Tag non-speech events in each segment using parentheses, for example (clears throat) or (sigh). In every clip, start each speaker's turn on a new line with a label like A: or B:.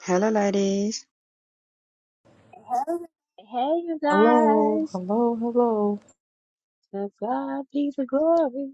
A: Hello, ladies.
B: Hey, you
C: Hello,
B: guys.
C: hello, hello.
B: To God be the glory.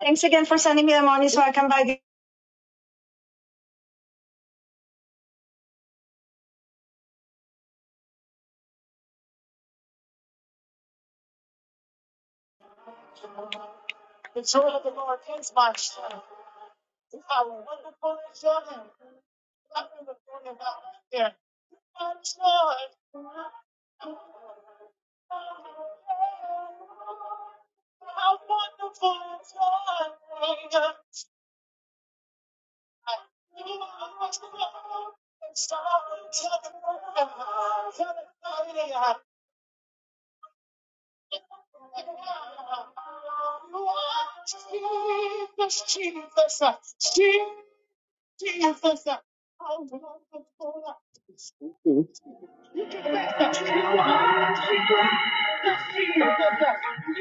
B: Thanks again for sending me the monies so I come back. Thank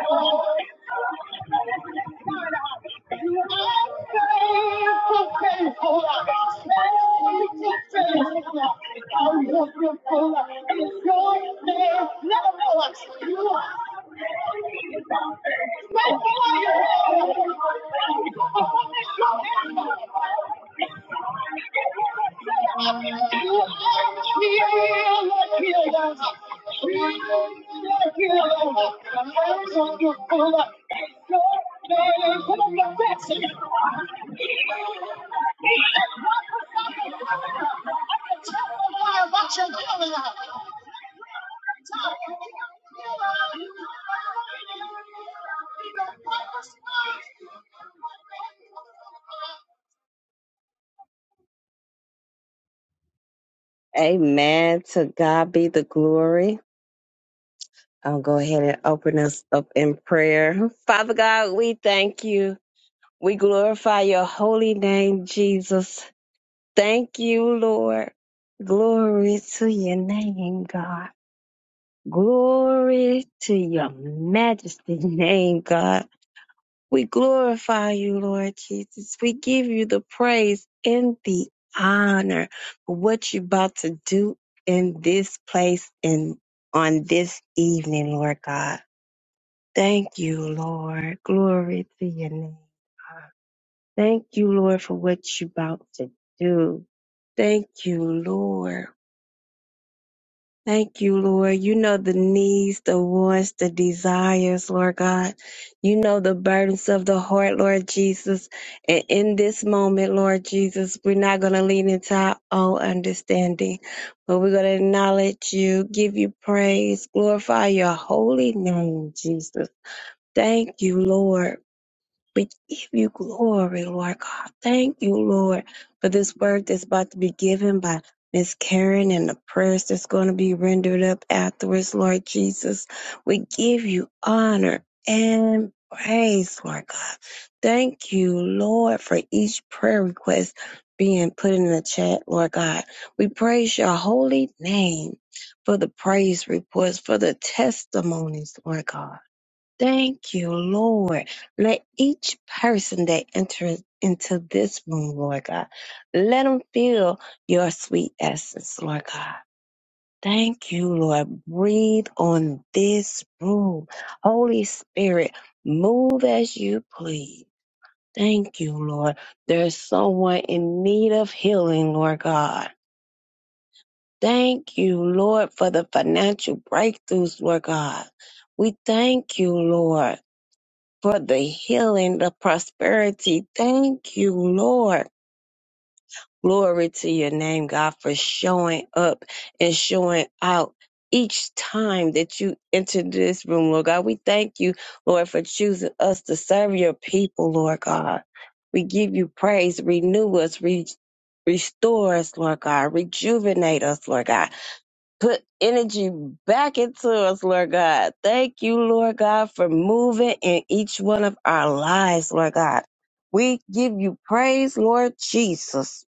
B: you. You are healed, healed. Hey, I'll go ahead and open us up in prayer. Father God, we thank you. We glorify your holy name, Jesus. Thank you, Lord. Glory to your name, God. Glory to your majesty (laughs) name, God. We glorify you, Lord Jesus. We give you the praise and the honor for what you're about to do in this place and on this evening, Lord God. Thank you, Lord. Glory to your name. Thank you, Lord, for what you're about to do. Thank you, Lord. Thank you, Lord. You know the needs, the wants, the desires, Lord God. You know the burdens of the heart, Lord Jesus. And in this moment, Lord Jesus, we're not going to lean into our own understanding, but we're going to acknowledge you, give you praise, glorify your holy name, Jesus. Thank you, Lord. We give you glory, Lord God. Thank you, Lord, for this word that's about to be given by Miss Karen and the prayers that's going to be rendered up afterwards, Lord Jesus. We give you honor and praise, Lord God. Thank you, Lord, for each prayer request being put in the chat, Lord God. We praise your holy name for the praise reports, for the testimonies, Lord God. Thank you, Lord. Let each person that enters into this room, Lord God, let them feel your sweet essence, Lord God. Thank you, Lord. Breathe on this room. Holy Spirit, move as you please. Thank you, Lord. There's someone in need of healing, Lord God. Thank you, Lord, for the financial breakthroughs, Lord God. We thank you, Lord for the healing, the prosperity. Thank you, Lord. Glory to your name, God, for showing up and showing out each time that you enter this room, Lord God. We thank you, Lord, for choosing us to serve your people, Lord God. We give you praise. Renew us. Re- restore us, Lord God. Rejuvenate us, Lord God put energy back into us, Lord God. Thank you, Lord God, for moving in each one of our lives, Lord God. We give you praise, Lord Jesus.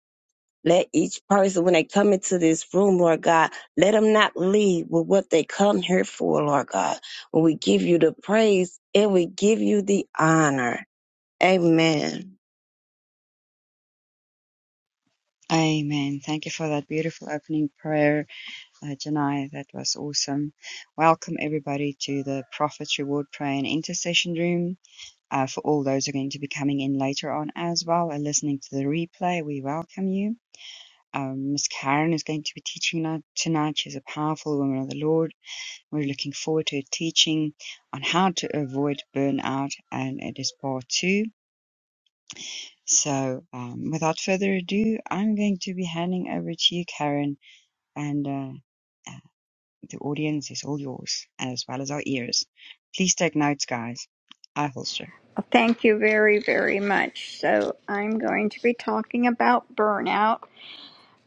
B: Let each person, when they come into this room, Lord God, let them not leave with what they come here for, Lord God. When we give you the praise and we give you the honor. Amen.
A: Amen. Thank you for that beautiful opening prayer, uh, Janai. That was awesome. Welcome, everybody, to the Prophet's Reward Prayer and Intercession Room. Uh, for all those who are going to be coming in later on as well and listening to the replay, we welcome you. Um, Miss Karen is going to be teaching now- tonight. She's a powerful woman of the Lord. We're looking forward to her teaching on how to avoid burnout, and it is part two. So, um, without further ado, I'm going to be handing over to you, Karen, and uh, uh, the audience is all yours, as well as our ears. Please take notes, guys. I holster.
D: Well, Thank you very, very much. So, I'm going to be talking about burnout.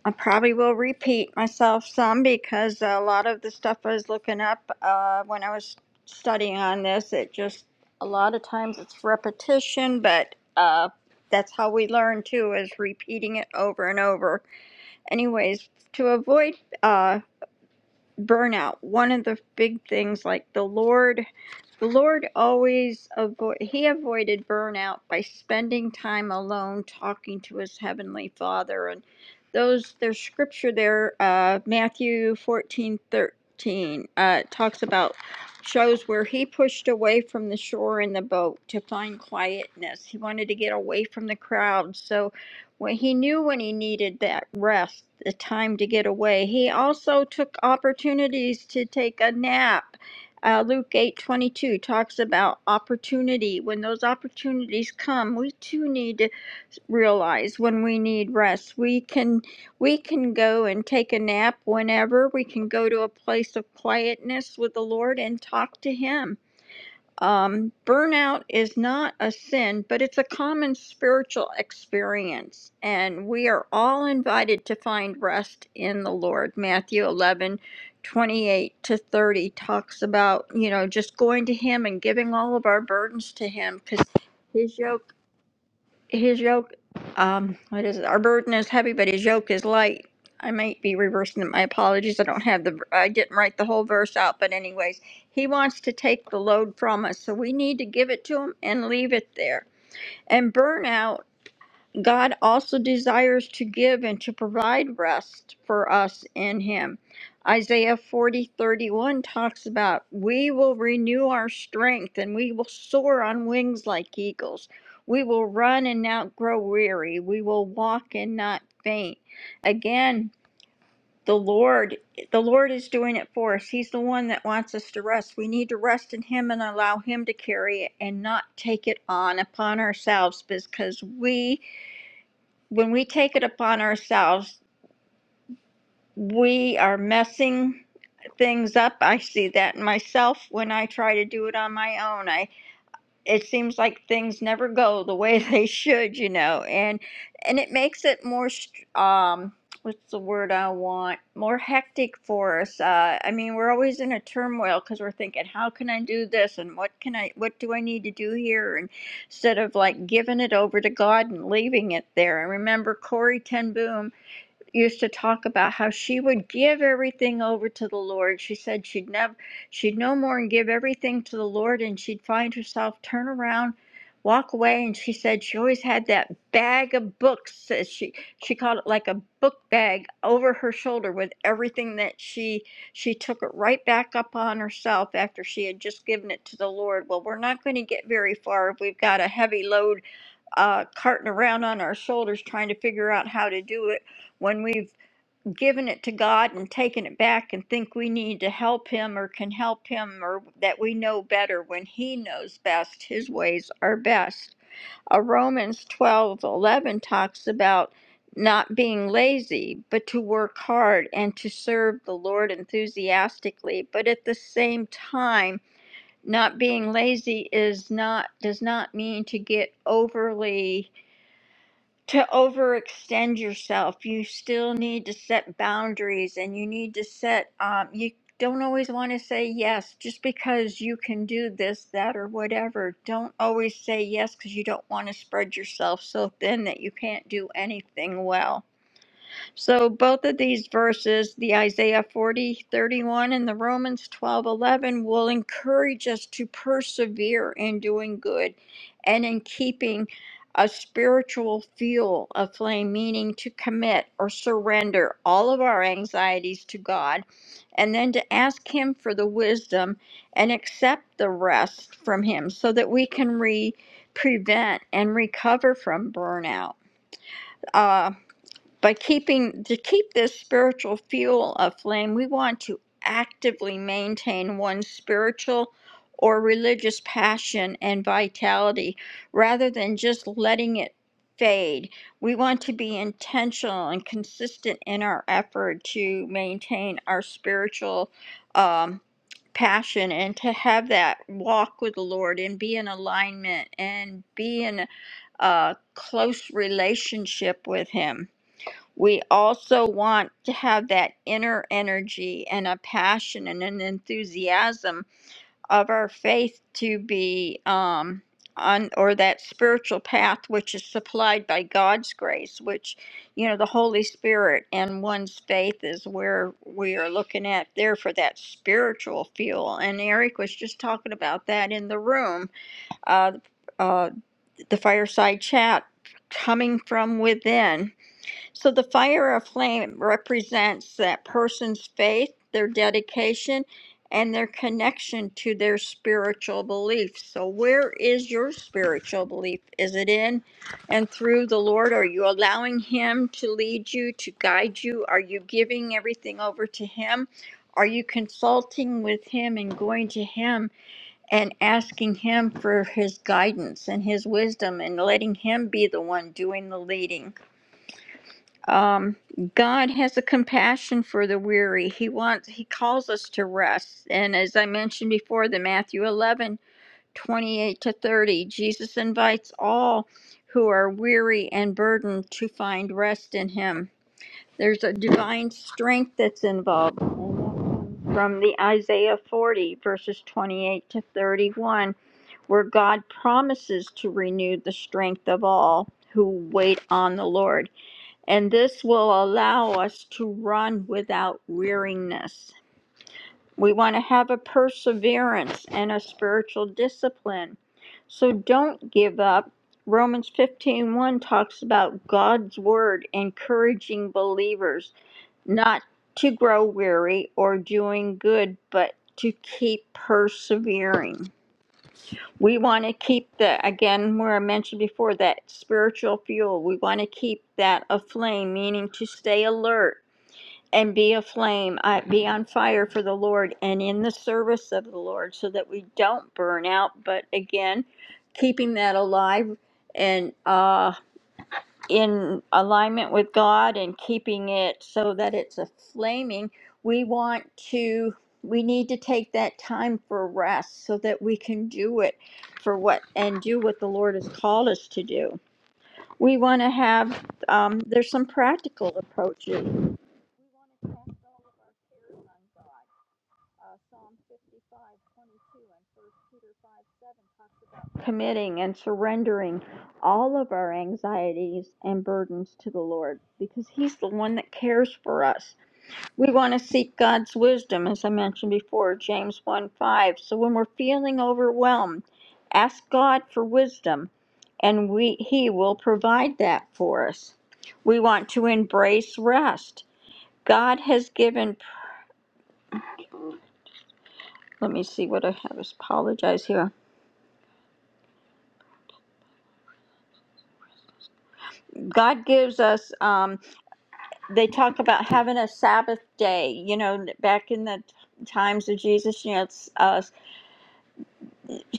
D: I probably will repeat myself some because a lot of the stuff I was looking up uh, when I was studying on this, it just, a lot of times it's repetition, but uh, that's how we learn too, is repeating it over and over. Anyways, to avoid uh, burnout one of the big things like the lord the lord always avoid he avoided burnout by spending time alone talking to his heavenly father and those there's scripture there uh matthew 14:13 uh talks about shows where he pushed away from the shore in the boat to find quietness he wanted to get away from the crowd so when he knew when he needed that rest, the time to get away, he also took opportunities to take a nap. Uh, Luke eight twenty two talks about opportunity. When those opportunities come, we too need to realize when we need rest. We can we can go and take a nap whenever. We can go to a place of quietness with the Lord and talk to Him. Um, burnout is not a sin, but it's a common spiritual experience, and we are all invited to find rest in the Lord. Matthew 11, 28 to 30 talks about, you know, just going to Him and giving all of our burdens to Him because. his yoke his yoke um what is it our burden is heavy but his yoke is light i might be reversing it my apologies i don't have the i didn't write the whole verse out but anyways he wants to take the load from us so we need to give it to him and leave it there and burnout God also desires to give and to provide rest for us in Him. Isaiah 40 31 talks about, We will renew our strength and we will soar on wings like eagles. We will run and not grow weary. We will walk and not faint. Again, the Lord, the Lord is doing it for us. He's the one that wants us to rest. We need to rest in Him and allow Him to carry it and not take it on upon ourselves because we when we take it upon ourselves, we are messing things up. I see that in myself when I try to do it on my own. I it seems like things never go the way (laughs) they should, you know, and and it makes it more str- um what's the word I want more hectic for us. Uh, I mean, we're always in a turmoil because we're thinking, how can I do this and what can I what do I need to do here and instead of like giving it over to God and leaving it there. I remember Corey Ten Boom used to talk about how she would give everything over to the Lord. She said she'd never she'd no more and give everything to the Lord and she'd find herself turn around, walk away and she said she always had that bag of books as she she called it like a book bag over her shoulder with everything that she she took it right back up on herself after she had just given it to the Lord. Well, we're not going to get very far if we've got a heavy load uh, carting around on our shoulders trying to figure out how to do it when we've given it to God and taken it back and think we need to help Him or can help Him or that we know better when He knows best, His ways are best. Uh, Romans twelve eleven talks about not being lazy, but to work hard and to serve the Lord enthusiastically, but at the same time, not being lazy is not does not mean to get overly to overextend yourself. You still need to set boundaries and you need to set, um, you don't always want to say yes just because you can do this, that, or whatever. Don't always say yes because you don't want to spread yourself so thin that you can't do anything well. So both of these verses, the Isaiah 40 31 and the Romans 12 11, will encourage us to persevere in doing good and in keeping a spiritual fuel aflame, meaning to commit or surrender all of our anxieties to God and then to ask Him for the wisdom and accept the rest from Him so that we can re- prevent and recover from burnout. Uh, by keeping to keep this spiritual fuel aflame, we want to actively maintain one's spiritual or religious passion and vitality rather than just letting it fade. We want to be intentional and consistent in our effort to maintain our spiritual um, passion and to have that walk with the Lord and be in alignment and be in a close relationship with Him. We also want to have that inner energy and a passion and an enthusiasm of our faith to be um, on, or that spiritual path which is supplied by God's grace, which, you know, the Holy Spirit and one's faith is where we are looking at there for that spiritual fuel. And Eric was just talking about that in the room, uh, uh, the fireside chat coming from within so the fire or flame represents that person's faith, their dedication, and their connection to their spiritual beliefs. So, where is your spiritual belief? Is it in and through the Lord? Are you allowing Him to lead you, to guide you? Are you giving everything over to Him? Are you consulting with Him and going to Him and asking Him for His guidance and His wisdom and letting Him be the one doing the leading? um, God has a compassion for the weary. He wants he calls us to rest. And as I mentioned before, the Matthew 11 28 to 30, Jesus invites all who are weary and burdened to find rest in him. There's a divine strength that's involved. and that comes From the Isaiah 40 verses 28 to 31, where God promises to renew the strength of all who wait on the Lord and this will allow us to run without weariness. We want to have a perseverance and a spiritual discipline. So don't give up. Romans 15:1 talks about God's word encouraging believers not to grow weary or doing good, but to keep persevering. We want to keep the, again, where I mentioned before, that spiritual fuel. We want to keep that aflame, meaning to stay alert and be aflame, uh, be on fire for the Lord and in the service of the Lord so that we don't burn out. But again, keeping that alive and uh, in alignment with God and keeping it so that it's a flaming, we want to, we need to take that time for rest so that we can do it for what and do what the Lord has called us to do. We want to have, um, there's some practical approaches. We want to cast all of our cares on God. Uh, Psalm 55, twenty-two and 1 Peter 5, 7 talks about committing and surrendering all of our anxieties and burdens to the Lord because He's the one that cares for us. We want to seek God's wisdom, as I mentioned before, James 1, 5. So when we're feeling overwhelmed, ask God for wisdom and we, He will provide that for us. We want to embrace rest. God has given let me see what I have. Is apologize here. God gives us. Um, they talk about having a Sabbath day. You know, back in the times of Jesus, you know, it's, uh,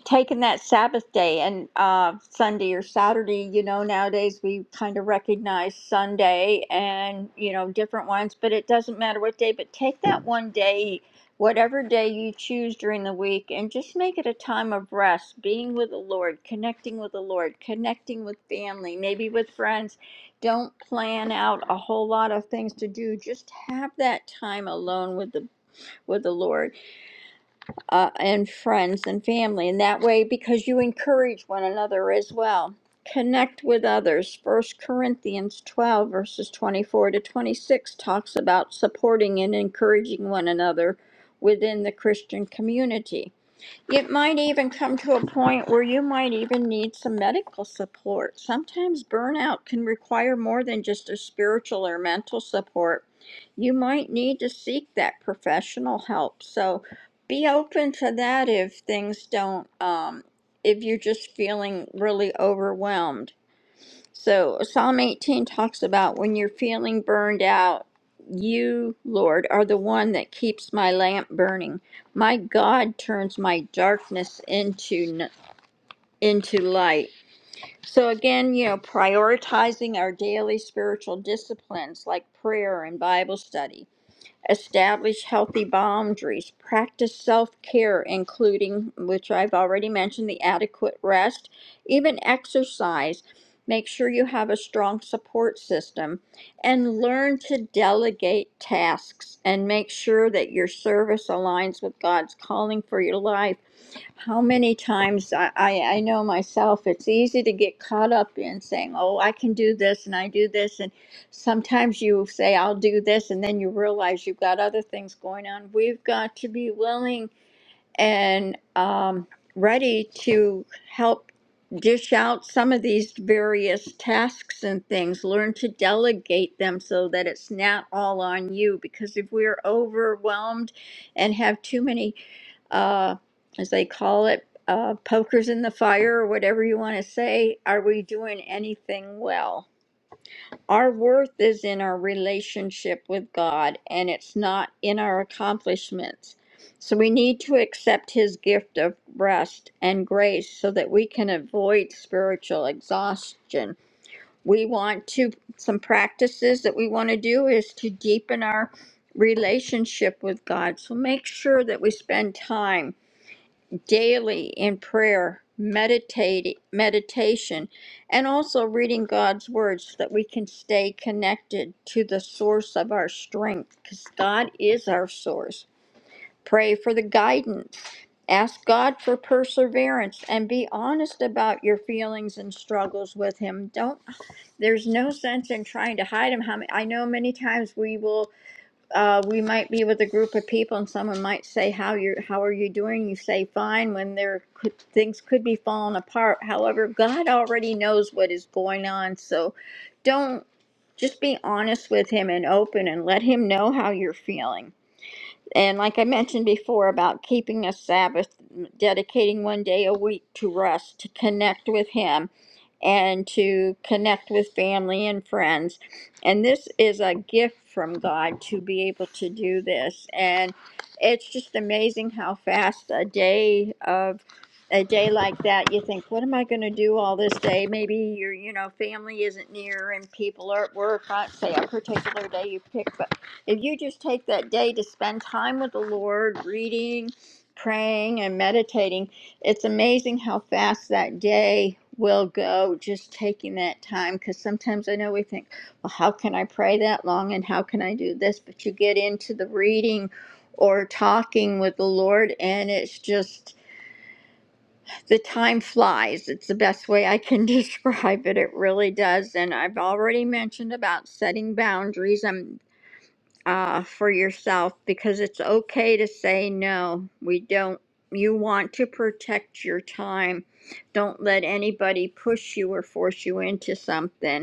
D: taking that Sabbath day and uh, Sunday or Saturday. You know, nowadays we kind of recognize Sunday and, you know, different ones, but it doesn't matter what day, but take that one day, whatever day you choose during the week, and just make it a time of rest, being with the Lord, connecting with the Lord, connecting with family, maybe with friends. Don't plan out a whole lot of things to do. Just have that time alone with the with the Lord uh, and friends and family. And that way, because you encourage one another as well. Connect with others. First Corinthians 12, verses 24 to 26 talks about supporting and encouraging one another within the Christian community. It might even come to a point where you might even need some medical support. Sometimes burnout can require more than just a spiritual or mental support. You might need to seek that professional help. So be open to that if things don't, um, if you're just feeling really overwhelmed. So Psalm 18 talks about when you're feeling burned out, you, Lord, are the one that keeps my lamp burning. My God turns my darkness into n- into light. So again, you know, prioritizing our daily spiritual disciplines like prayer and Bible study establish healthy boundaries, practice self care, including, which I've already mentioned, the adequate rest, even exercise. Make sure you have a strong support system and learn to delegate tasks and make sure that your service aligns with God's calling for your life how many times I, I, I know myself, it's easy to get caught up in saying, Oh, I can do this and I do this. And sometimes you say, I'll do this. And then you realize you've got other things going on. We've got to be willing and um, ready to help dish out some of these various tasks and things. Learn to delegate them so that it's not all on you. Because if we're overwhelmed and have too many uh, as they call it, uh, pokers in the fire, or whatever you want to say. Are we doing anything well? Our worth is in our relationship with God, and it's not in our accomplishments. So we need to accept His gift of rest and grace so that we can avoid spiritual exhaustion. We want to, some practices that we want to do is to deepen our relationship with God. So make sure that we spend time daily in prayer, meditate, meditation, and also reading God's words so that we can stay connected to the source of our strength because God is our source. Pray for the guidance. Ask God for perseverance and be honest about your feelings and struggles with Him. Don't, there's no sense in trying to hide them. How many- I know many times we will uh, we might be with a group of people and someone might say how you're how are you doing you say fine when there could, things could be falling apart however god already knows what is going on so don't just be honest with him and open and let him know how you're feeling and like I mentioned before about keeping a Sabbath, dedicating one day a week to rest, to connect with Him, and to connect with family and friends. And this is a gift from God to be able to do this. And it's just amazing how fast a day of a day like that you think what am i going to do all this day maybe your you know family isn't near and people are at work on say a particular day you pick if you just take that day to spend time with the Lord, reading, praying, and meditating, it's amazing how fast that day will go just taking that time. Because sometimes I know we think, well, how can I pray that long and how can I do this? But you get into the reading or talking with the Lord, and it's just the time flies. It's the best way I can (laughs) describe it. It really does. And I've already mentioned about setting boundaries. I'm uh, for yourself because it's okay to say no. We don't, you want to protect your time. Don't let anybody push you or force you into something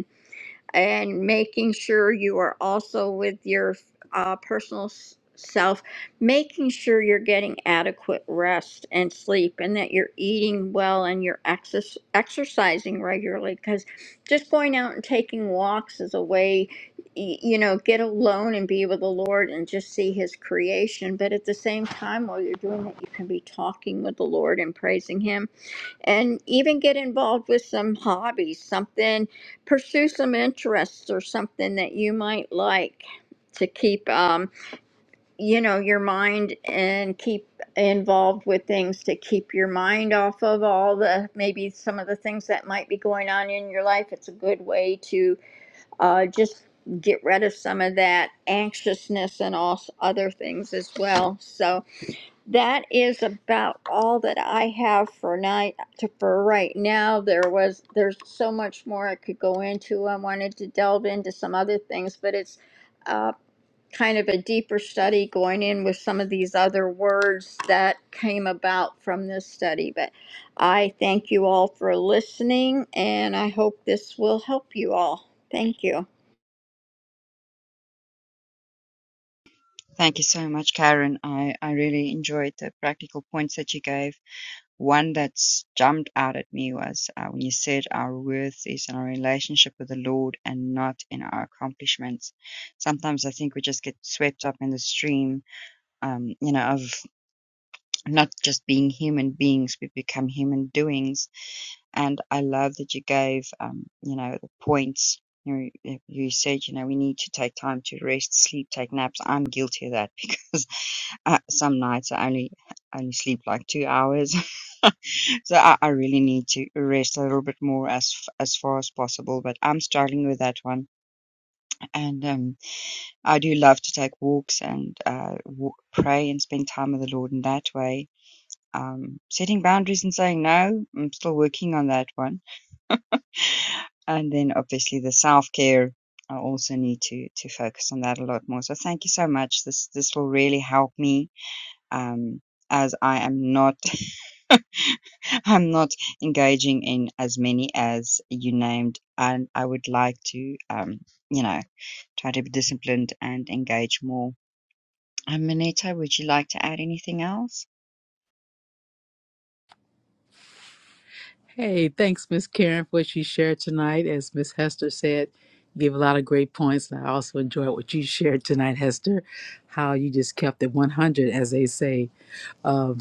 D: and making sure you are also with your uh, personal s- self, making sure you're getting adequate rest and sleep, and that you're eating well and you're exer- exercising regularly. Because just going out and taking walks is a way, y- you know, get alone and be with the Lord and just see His creation. But at the same time, while you're doing it, you can be talking with the Lord and praising Him and even get involved with some hobbies, something, pursue some interests or something that you might like to keep, um, you know, your mind and keep involved with things to keep your mind off of all the maybe some of the things that might be going on in your life. It's a good way to uh, just get rid of some of that anxiousness and all s- other things as well. So, that is about all that I have for night to, for right now. There was there's so much more I could go into. I wanted to delve into some other things, but it's uh, kind of a deeper study going in with some of these other words that came about from this study. But I thank you all for listening, and I hope this will help you all. Thank you.
A: Thank you so much, Karen. I, I really enjoyed the practical points that you gave. One that's jumped out at me was uh, when you said our worth is in our relationship with the Lord and not in our accomplishments. Sometimes I think we just get swept up in the stream, um, you know, of not just being human beings, we become human doings. And I love that you gave, um, you know, the points. You, you said, you know, we need to take time to rest, sleep, take naps. I'm guilty of that (laughs) because uh, some nights I only only sleep like two hours. (laughs) so I, I really need to rest a little bit more as f- as far as possible. But I'm struggling with that one, and um, I do love to take walks and uh, w- pray and spend time with the Lord in that way um, setting boundaries and saying no, I'm still working on that one. And then obviously the self care, I also need to to focus on that a lot more. So thank you so much. This this will really help me. Um, as I am not, (laughs) I'm not engaging in as many as you named, and I would like to, um, you know, try to be disciplined and engage more. Um, Mineta, would you like to add anything else?
C: Hey, thanks, Miss Karen, for what you shared tonight. As Miss Hester said, you gave a lot of great points. And I also enjoyed what you shared tonight, Hester, how you just kept it 100, as they say. Um,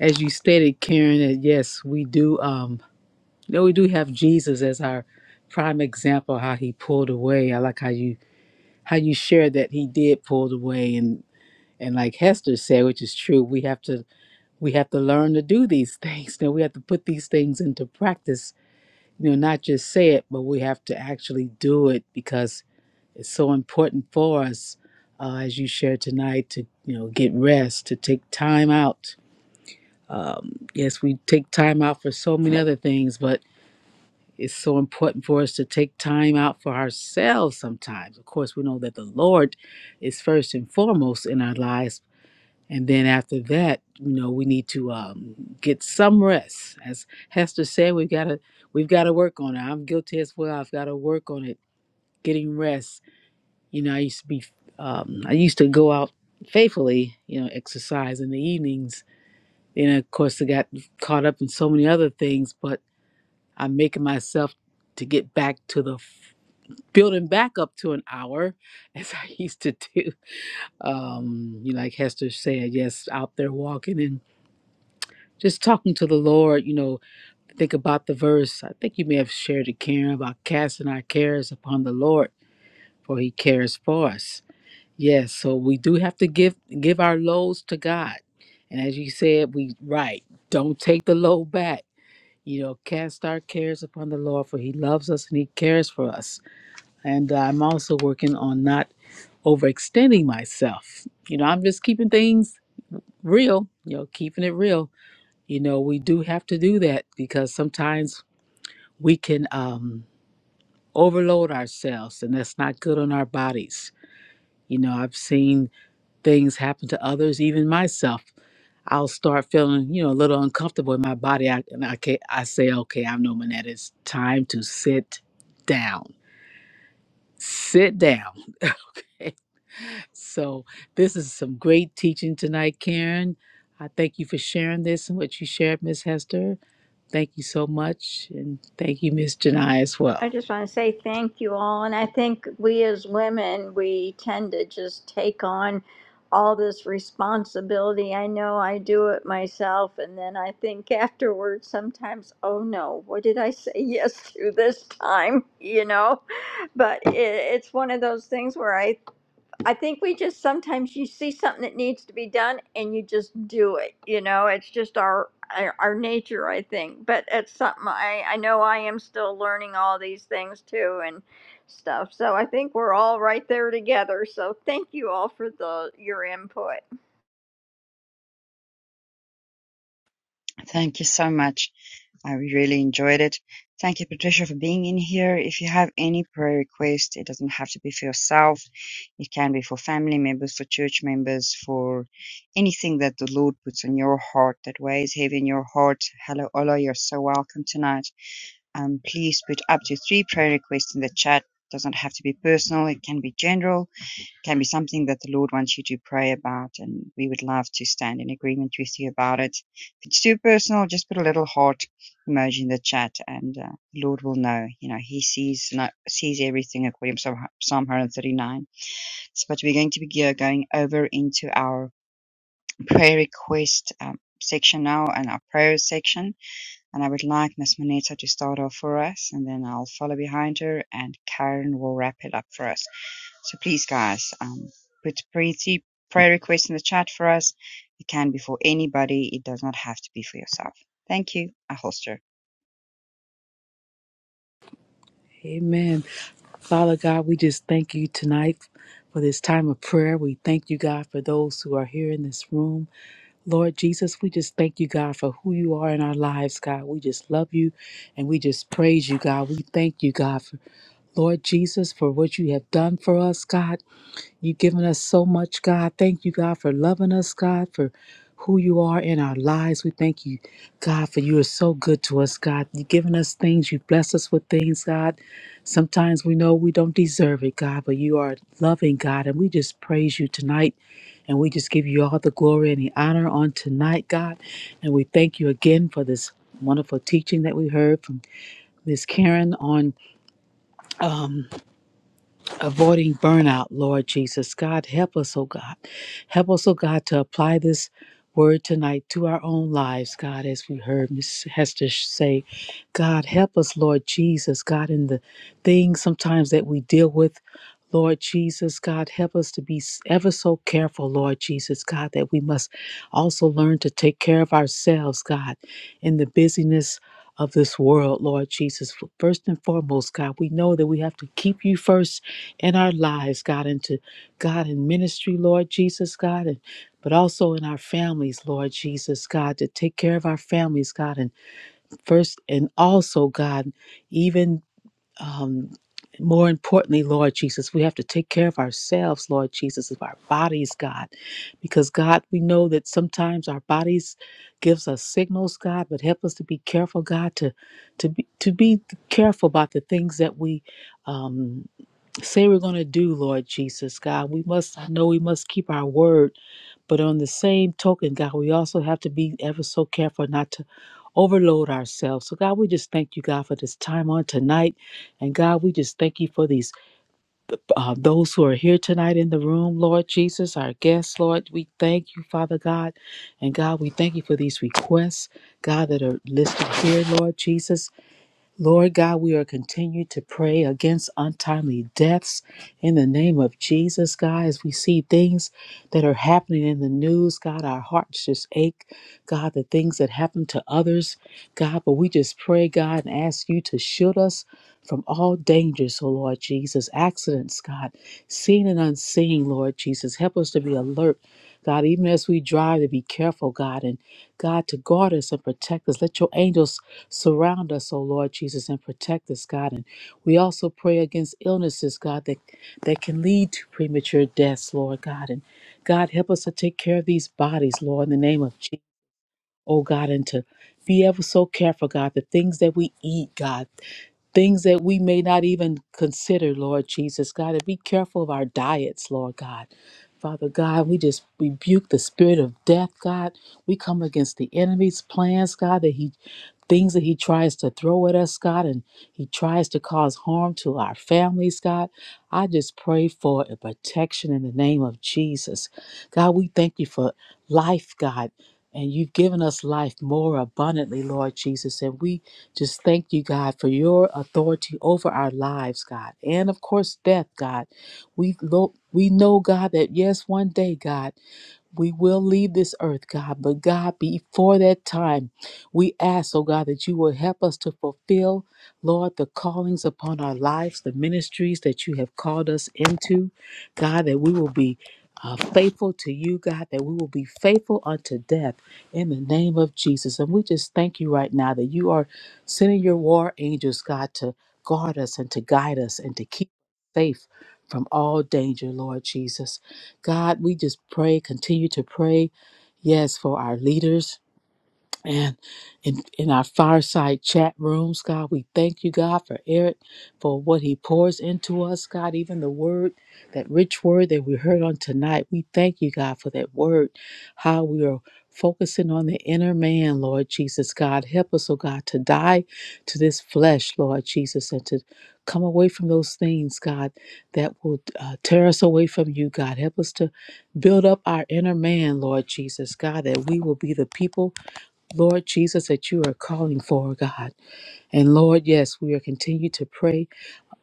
C: as you stated, Karen, that yes, we do, um, you know, we do have Jesus as our prime example, how he pulled away. I like how you how you shared that he did pull away and and like Hester said, which is true, we have to we have to learn to do these things. (laughs) Then we have to put these things into practice. You know, not just say it, but we have to actually do it because it's so important for us, uh, as you shared tonight, to you know get rest, to take time out. Um, yes, we take time out for so many other things, but it's so important for us to take time out for ourselves. Sometimes, of course, we know that the Lord is first and foremost in our lives, and then after that, you know, we need to um, get some rest. As Hester said, we've got to we've got to work on it. I'm guilty as well. I've got to work on it, getting rest. You know, I used to be um, I used to go out faithfully, you know, exercise in the evenings. And of course, I got caught up in so many other things. But I'm making myself to get back to the building back up to an hour, (laughs) as I used to do. Um, you know, like Hester said, yes, out there walking and. just talking to the Lord, you know, think about the verse. I think you may have shared it, Karen, about casting our cares upon the Lord, for he cares for us. Yes, so we do have to give give our loads to God. And as you said, we right, don't take the load back. You know, cast our cares upon the Lord, for he loves us and he cares for us. And uh, I'm also working on not overextending myself. You know, I'm just keeping things real, you know, keeping it real you know, we do have to do that because sometimes we can um, overload ourselves, and that's not good on our bodies. You know, I've seen things happen to others, even myself. I'll start feeling, you know, a little uncomfortable in my body, I, and I can I say, okay, I'm knowing that it's time to sit down. Sit down. (laughs) So this is some great teaching tonight, Karen. I thank you for sharing this and what you shared, Miss Hester. Thank you so much. And thank you, Miss Janai, as
D: I
C: well.
D: just want to say thank you all. And I think we as women, we tend to just take on all this responsibility. I know I do it myself. And then I think (laughs) afterwards, sometimes, oh no, what did I say (laughs) yes to this time? (laughs) You know? But it, it's one of those things where I I think we just sometimes you see something that needs to be done and you just do it. You know, it's just our our our nature, I think. But it's something I I know I am still learning all these things too and stuff. So I think we're all right there together. So thank you all for the your input.
A: Thank you so much. I really enjoyed it. Thank you, Patricia, for being in here. If you have any prayer request, it doesn't have to be for yourself. It can be for family members, for church members, for anything that the Lord puts on your heart that weighs heavy in your heart. Hello, Ola, you're so welcome tonight. Um, please put up to three prayer requests in the chat. Doesn't have to be personal. It can be general can be something that the Lord wants you to pray about, and we would love to stand in agreement with you about it. If it's too personal, just put a little heart emoji in the chat, and uh, the Lord will know. You know, He sees no- sees everything according to Psalm 139. So, but we're going to be going over into our prayer request um, section now and our prayer section. And I would like Miss Manetta to start off for us, and then I'll follow behind her, and Karen will wrap it up for us. So please, guys, um, put pretty prayer requests in the chat for us. It can be for anybody. It does not have to be for yourself. Thank you, Aholster. holster.
C: Amen. Father God, we just thank you tonight for this time of prayer. We thank you, God, for those who are here in this room. Lord Jesus, we just thank you, God, for who you are in our lives, God. We just love you and we just praise you, God. We thank you, God, for Lord Jesus, for what you have done for us, God. You've given us so much, God. Thank you, God, for loving us, God, for who you are in our lives. We thank you, God, for you are so good to us, God. You've given us things. You've blessed us with things, God. Sometimes we know we don't deserve it, God, but you are loving, God. And we just praise you tonight. And we just give you all the glory and the honor on tonight, God. And we thank you again for this wonderful teaching that we heard from Miss Karen on. um, avoiding burnout, Lord Jesus. God, help us, oh God. Help us, oh God, to apply this word tonight to our own lives, God, as we heard Miss Hester say. God, help us, Lord Jesus, God, in the things sometimes that we deal with. Lord Jesus, God, help us to be ever so careful, Lord Jesus, God, that we must also learn to take care of ourselves, God, in the busyness of this world, Lord Jesus. First and foremost, God, we know that we have to keep you first in our lives, God, into God in ministry, Lord Jesus, God, and but also in our families, Lord Jesus, God, to take care of our families, God, and first and also, God, even um, more importantly, Lord Jesus, we have to take care of ourselves, Lord Jesus, of our bodies, God, because God, we know that sometimes our bodies gives us signals, God, but help us to be careful, God, to to be to be careful about the things that we um, say we're going to do, Lord Jesus, God. We must, I know we must keep our word, but on the same token, God, we also have to be ever so careful not to overload ourselves. So, God, we just thank you, God, for this time on tonight. And, God, we just thank you for these, uh, those who are here tonight in the room, Lord Jesus, our guests, Lord. We thank you, Father God. And, God, we thank you for these requests, God, that are listed here, Lord Jesus. Lord God, we are continuing to pray against untimely deaths in the name of Jesus, God. As we see things that are happening in the news, God, our hearts just ache, God, the things that happen to others, God. But we just pray, God, and ask you to shield us from all dangers, oh Lord Jesus, accidents, God, seen and unseen, Lord Jesus. Help us to be alert, God, even as we drive, to be careful, God, and God, to guard us and protect us. Let your angels surround us, O Lord Jesus, and protect us, God. And we also pray against illnesses, God, that, that can lead to premature deaths, Lord God. And God, help us to take care of these bodies, Lord, in the name of Jesus, oh God, and to be ever so careful, God, the things that we eat, God things that we may not even consider, Lord Jesus, God, and be careful of our diets, Lord God. Father God, we just rebuke the spirit of death, God. We come against the enemy's plans, God, that he things that he tries to throw at us, God, and he tries to cause harm to our families, God. I just pray for a protection in the name of Jesus. God, we thank you for life, God. And you've given us life more abundantly, Lord Jesus. And we just thank you, God, for your authority over our lives, God, and of course, death, God. We, lo- we know, God, that yes, one day, God. We will leave this earth, God, but God, before that time, we ask, oh God, that you will help us to fulfill, Lord, the callings upon our lives, the ministries that you have called us into. God, that we will be uh, faithful to you, God, that we will be faithful unto death in the name of Jesus. And we just thank you right now that you are sending your war angels, God, to guard us and to guide us and to keep us safe from all danger, Lord Jesus. God, we just pray, continue to pray, yes, for our leaders, and in, in our fireside chat rooms, God, we thank you, God, for Eric, for what he pours into us, God, even the word, that rich word that we heard on tonight. We thank you, God, for that word, how we are focusing on the inner man, Lord Jesus, God. Help us, oh God, to die to this flesh, Lord Jesus, and to come away from those things, God, that will uh, tear us away from you, God. Help us to build up our inner man, Lord Jesus, God, that we will be the people Lord Jesus, that you are calling for, God. And Lord, yes, we are continue to pray.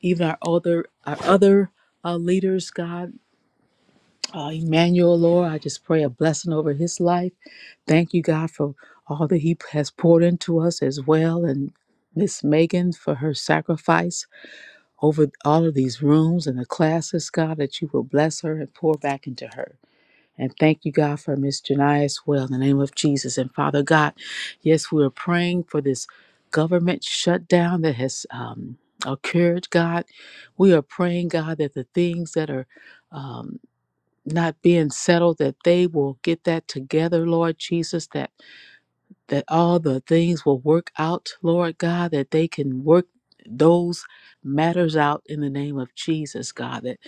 C: Even our other our other uh, leaders, God, uh, Emmanuel, Lord, I just pray a blessing over his life. Thank you, God, for all that he has poured into us as well, and Miss Megan for her sacrifice over all of these rooms and the classes, God, that you will bless her and pour back into her. And thank you, God, for Miss Janai as well, in the name of Jesus. And Father God, yes, we are praying for this government shutdown that has um, occurred, God. We are praying, God, that the things that are um, not being settled, that they will get that together, Lord Jesus, that, that all the things will work out, Lord God, that they can work those matters out in the name of Jesus, God, that,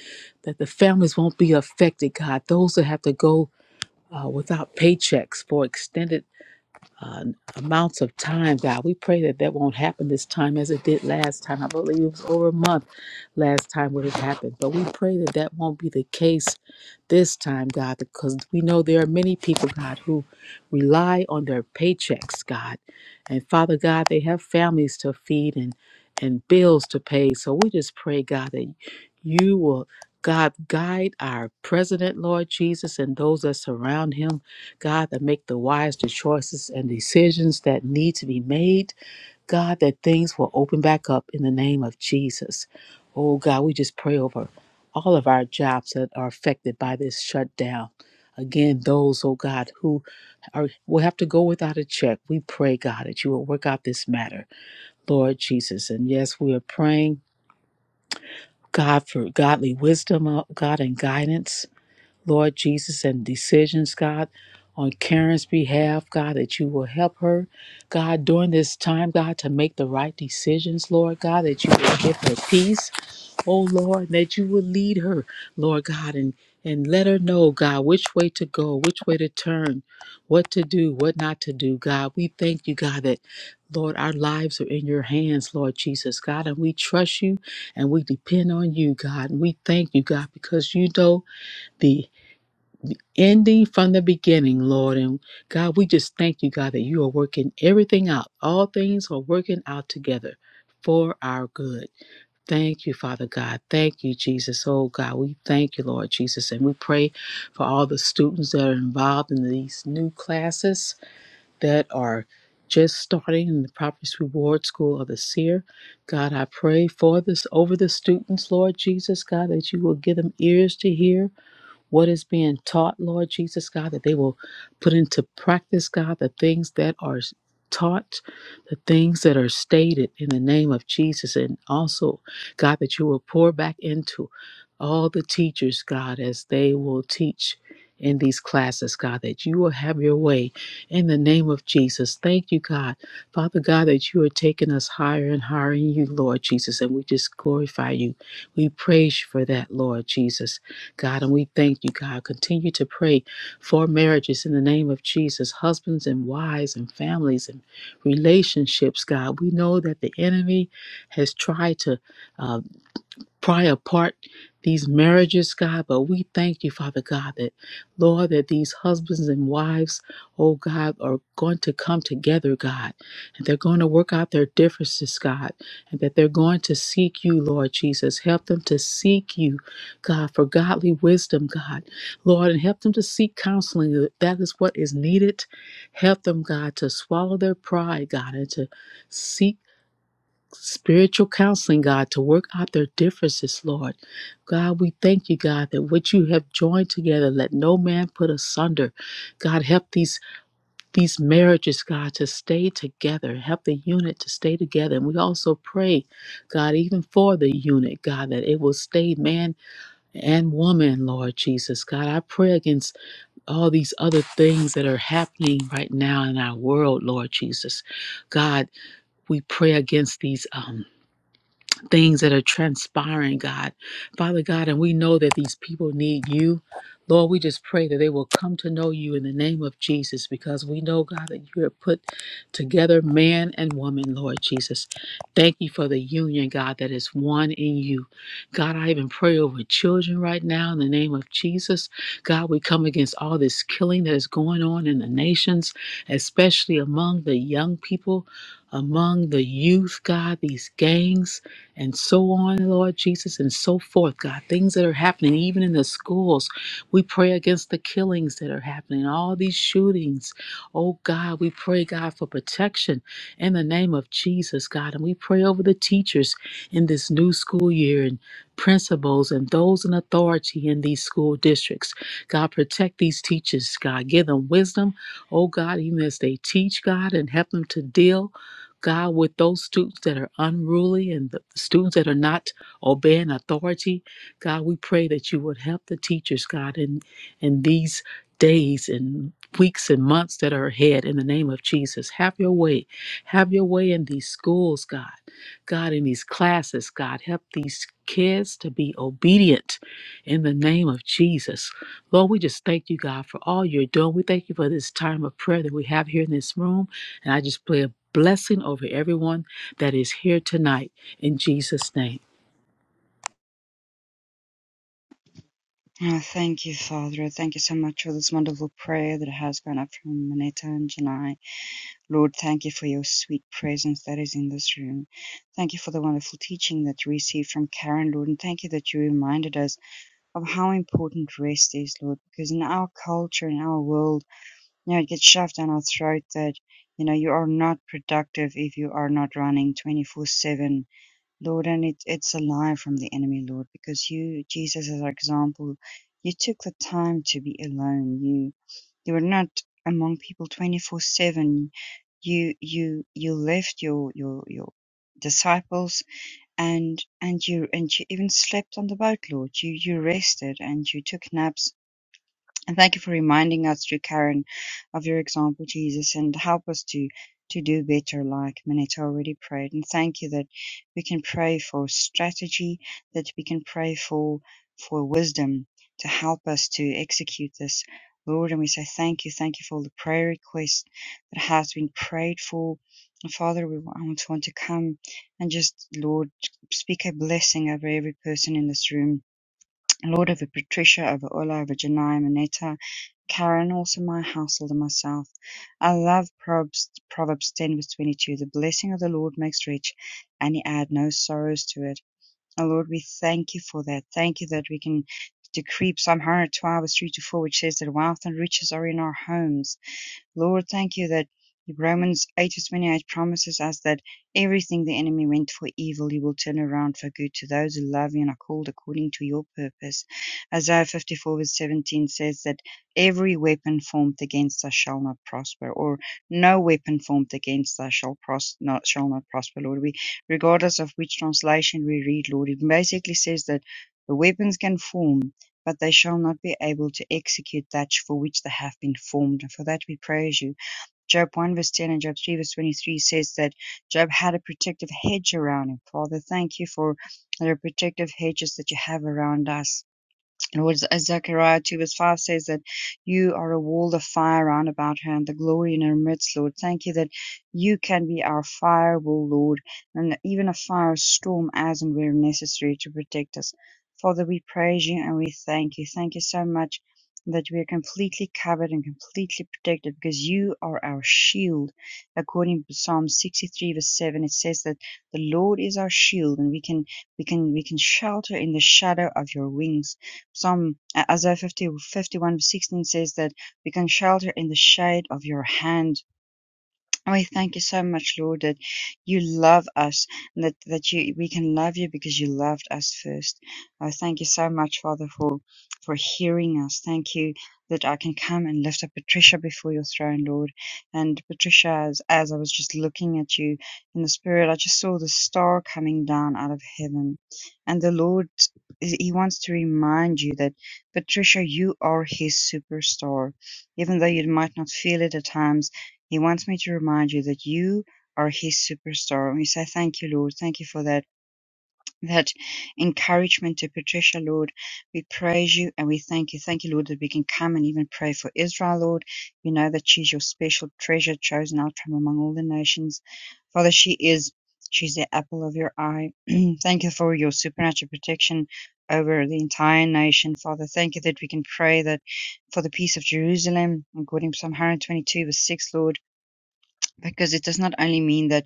C: that the families won't be affected, God. Those that have to go uh, without paychecks for extended uh, amounts of time, God. We pray that that won't happen this time as it did last time. I believe it was over a month last time when it happened. But we pray that that won't be the case this time, God, because we know there are many people, God, who rely on their paychecks, God. And Father God, they have families to feed and, and bills to pay. So we just pray, God, that you will. God, guide our president, Lord Jesus, and those that surround him God, that make the wise the choices and decisions that need to be made. God, that things will open back up in the name of Jesus. Oh God, we just pray over all of our jobs that are affected by this shutdown. Again, those, oh God, who are, will have to go without a check, we pray, God, that you will work out this matter, Lord Jesus. And yes, we are praying, God, for godly wisdom, oh God, and guidance. Lord Jesus, and decisions, God, on Karen's behalf, God, that you will help her, God, during this time, God, to make the right decisions, Lord God, that you will give her peace, oh Lord, that you will lead her, Lord God, and and let her know, God, which way to go, which way to turn, what to do, what not to do, God. We thank you, God, that Lord, our lives are in your hands, Lord Jesus, God, and we trust you and we depend on you, God. And we thank you, God, because you know the ending from the beginning, Lord. And God, we just thank you, God, that you are working everything out. All things are working out together for our good. Thank you, Father God. Thank you, Jesus. Oh, God, we thank you, Lord Jesus. And we pray for all the students that are involved in these new classes that are just starting in the Properties Reward School of the Seer. God, I pray for this over the students, Lord Jesus, God, that you will give them ears to hear what is being taught, Lord Jesus, God, that they will put into practice, God, the things that are taught, the things that are stated in the name of Jesus. And also, God, that you will pour back into all the teachers, God, as they will teach. In these classes, God, that you will have your way in the name of Jesus. Thank you, God. Father God, that you are taking us higher and higher in you, Lord Jesus, and we just glorify you. We praise you for that, Lord Jesus. God. And we thank you, God. Continue to pray for marriages in the name of Jesus, husbands and wives and families and relationships, God. We know that the enemy has tried to. uh, pry apart these marriages, God, but we thank you, Father God, that Lord, that these husbands and wives, oh God, are going to come together, God, and they're going to work out their differences, God, and that they're going to seek you, Lord Jesus. Help them to seek you, God, for godly wisdom, God, Lord, and help them to seek counseling. That is what is needed. Help them, God, to swallow their pride, God, and to seek spiritual counseling, God, to work out their differences, Lord. God, we thank you, God, that what you have joined together, let no man put asunder. God, help these these marriages, God, to stay together. Help the unit to stay together. And we also pray, God, even for the unit, God, that it will stay man and woman, Lord Jesus. God, I pray against all these other things that are happening right now in our world, Lord Jesus. God, we pray against these um things that are transpiring, God. Father God, and we know that these people need you. Lord, we just pray that they will come to know you in the name of Jesus because we know, God, that you have put together man and woman, Lord Jesus. Thank you for the union, God, that is one in you. God, I even pray over children right now in the name of Jesus. God, we come against all this killing that is going on in the nations, especially among the young people, among the youth, God, these gangs and so on, Lord Jesus, and so forth, God. Things that are happening, even in the schools. We pray against the killings that are happening, all these shootings. Oh, God, we pray, God, for protection in the name of Jesus, God. And we pray over the teachers in this new school year and principals and those in authority in these school districts. God, protect these teachers, God. Give them wisdom, oh, God, even as they teach, God, and help them to deal. God, with those students that are unruly and the students that are not obeying authority, God, we pray that you would help the teachers, God, in, in these days and weeks and months that are ahead in the name of Jesus. Have your way. Have your way in these schools, God. God, in these classes, God, help these kids to be obedient in the name of Jesus. Lord, we just thank you, God, for all you're doing. We thank you for this time of prayer that we have here in this room. And I just pray a blessing over everyone that is here tonight in Jesus' name.
A: Oh, thank you, Father. Thank you so much for this wonderful prayer that has gone up from Manetta and Janai. Lord, thank you for your sweet presence that is in this room. Thank you for the wonderful teaching that you received from Karen, Lord, and thank you that you reminded us of how important rest is, Lord, because in our culture, in our world, Yeah, it gets shoved down our throat that, you know, you are not productive if you are not running 24 7, Lord. And it, it's a lie from the enemy, Lord, because you, Jesus, as our example, you took the time to be alone. You, you were not among people 24 7. You, you, you left your, your, your, disciples and and you and you even slept on the boat lord you you rested and you took naps and thank you for reminding us through Karen of your example, Jesus, and help us to to do better like Minetta already prayed. And thank you that we can pray for strategy, that we can pray for for wisdom to help us to execute this. Lord, and we say thank you, thank you for all the prayer requests that has been prayed for. And Father, we want want to come and just, Lord, speak a blessing over every person in this room Lord over Patricia, over Ola, over Janai, Manetta, Karen, also my household and myself. I love Proverbs, Proverbs 10 verse 22. The blessing of the Lord makes rich and he add no sorrows to it. Oh Lord, we thank you for that. Thank you that we can decree Psalm 112 verse 3 to 4, which says that wealth and riches are in our homes Lord, thank you that Romans 8 to 28 promises us that everything the enemy meant for evil, you will turn around for good to those who love you and are called according to your purpose. Isaiah 54 verse 17 says that every weapon formed against us shall not prosper, or no weapon formed against us shall, pros- not, shall not prosper, Lord. We, regardless of which translation we read, Lord, it basically says that the weapons can form but they shall not be able to execute that for which they have been formed. And for that we praise you. Job 1 verse 10 and Job 3 verse 23 says that Job had a protective hedge around him. Father, thank you for the protective hedges that you have around us. And what Z- Zechariah 2 verse 5 says that you are a wall of fire round about her and the glory in her midst, Lord. Thank you that you can be our firewall, Lord, and even a firestorm as and where necessary to protect us. Father, we praise you and we thank you. Thank you so much that we are completely covered and completely protected because you are our shield. According to Psalm 63 verse 7, it says that the Lord is our shield and we can we can we can shelter in the shadow of your wings. Psalm uh, Isaiah 50, fifty-one, sixteen says that we can shelter in the shade of your hand. Oh, We thank you so much, Lord, that you love us and that, that you we can love you because you loved us first. I thank you so much, Father, for for hearing us. Thank you that I can come and lift up Patricia before your throne, Lord. And Patricia, as, as I was just looking at you in the spirit, I just saw the star coming down out of heaven. And the Lord he he wants to remind you that Patricia, you are his superstar. Even though you might not feel it at times, he wants me to remind you that you are his superstar. And We say, Thank you, Lord. Thank you for that, that encouragement to Patricia, Lord. We praise you and we thank you. Thank you, Lord, that we can come and even pray for Israel, Lord. You know that she's your special treasure, chosen out from among all the nations. Father, she is. She's the apple of your eye. (clears throat) thank you for your supernatural protection over the entire nation, Father. Thank you that we can pray that for the peace of Jerusalem, according to Psalm 122, verse 6, Lord because it does not only mean that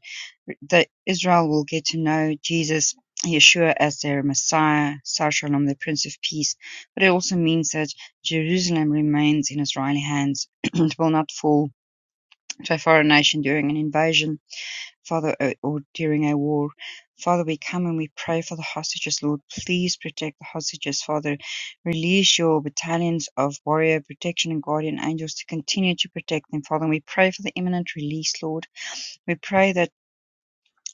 A: that Israel will get to know Jesus, Yeshua, as their Messiah, Sar Shalom, the Prince of Peace, but it also means that Jerusalem remains in Israeli hands. (clears throat) it will not fall to a foreign nation during an invasion, Father, or or during a war. Father, we come and we pray for the hostages, Lord. Please protect the hostages, Father. Release your battalions of warrior protection and guardian angels to continue to protect them, Father. And we pray for the imminent release, Lord we pray that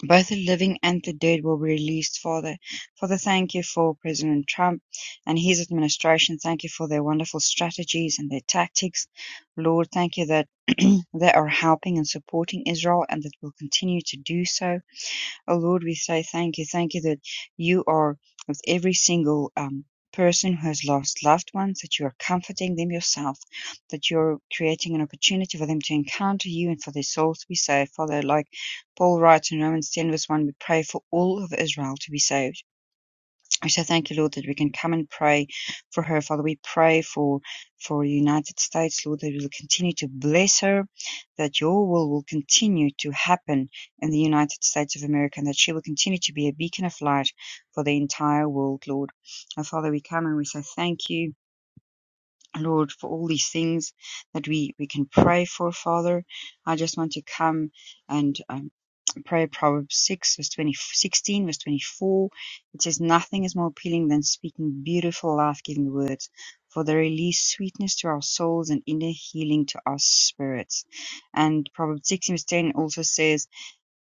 A: both the living and the dead will be released, Father. Father, thank you for President Trump and his administration. Thank you for their wonderful strategies and their tactics. Lord, thank you that (clears throat) they are helping and supporting Israel and that will continue to do so. Oh Lord, we say thank you. Thank you that you are with every single um, person who has lost loved ones, that you are comforting them yourself, that you're creating an opportunity for them to encounter you and for their souls to be saved. Father, like Paul writes in Romans 10, verse 1, we pray for all of Israel to be saved. We so thank you, Lord, that we can come and pray for her. Father, we pray for for the United States, Lord, that you will continue to bless her, that your will will continue to happen in the United States of America, and that she will continue to be a beacon of light for the entire world, Lord. And Father, we come and we say thank you. Lord, for all these things that we, we can pray for, Father, I just want to come and um, pray Proverbs 6, verse 20, sixteen, verse 24. It says, Nothing is more appealing than speaking beautiful, life giving words, for they release sweetness to our souls and inner healing to our spirits. And Proverbs 16, verse 10 also says,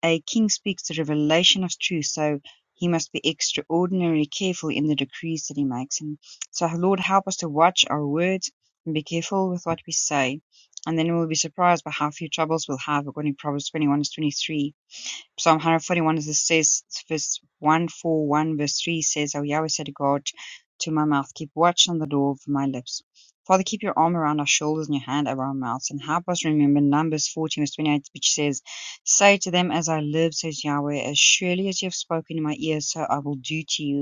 A: A king speaks the revelation of truth, so he must be extraordinarily careful in the decrees that he makes. And so, Lord, help us to watch our words and be careful with what we say. And then we'll be surprised by how few troubles we'll have, according to Proverbs 21, verse 23 Psalm 141 it says, verse 141, verse 3 says, "O Yahweh set a guard to my mouth, keep watch on the door of my lips. Father, keep your arm around our shoulders and your hand around our mouths, and help us remember Numbers 14, verse 28, which says, Say to them, As I live, says Yahweh, as surely as you have spoken in my ear, so I will do to you.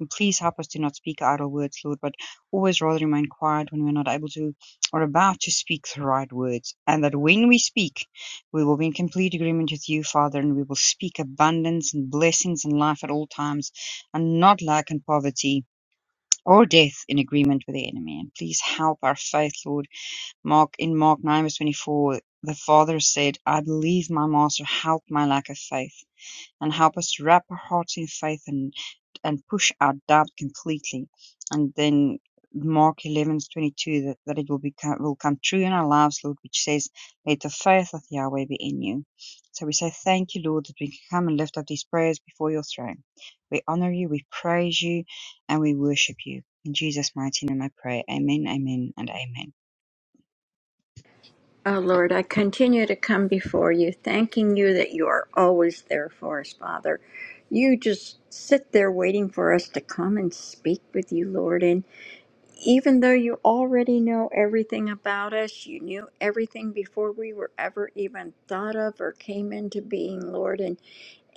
A: And please help us to not speak idle words, Lord, but always rather remain quiet when we're not able to or about to speak the right words. And that when we speak, we will be in complete agreement with you, Father, and we will speak abundance and blessings and life at all times, and not lack and poverty or death in agreement with the enemy. And please help our faith, Lord. Mark in Mark 9 verse 24, the Father said, I believe my master help my lack of faith and help us to wrap our hearts in faith and and push out doubt completely. And then Mark 11 22 that, that it will become will come true in our lives, Lord, which says, Let the faith of Yahweh be in you. So we say thank you, Lord, that we can come and lift up these prayers before your throne. We honor you, we praise you, and we worship you. In Jesus' mighty name I pray. Amen, amen, and amen.
D: Oh Lord, I continue to come before you, thanking you that you are always there for us, Father. You just sit there waiting for us to come and speak with you, Lord. and. even though you already know everything about us, you knew everything before we were ever even thought of or came into being, Lord. And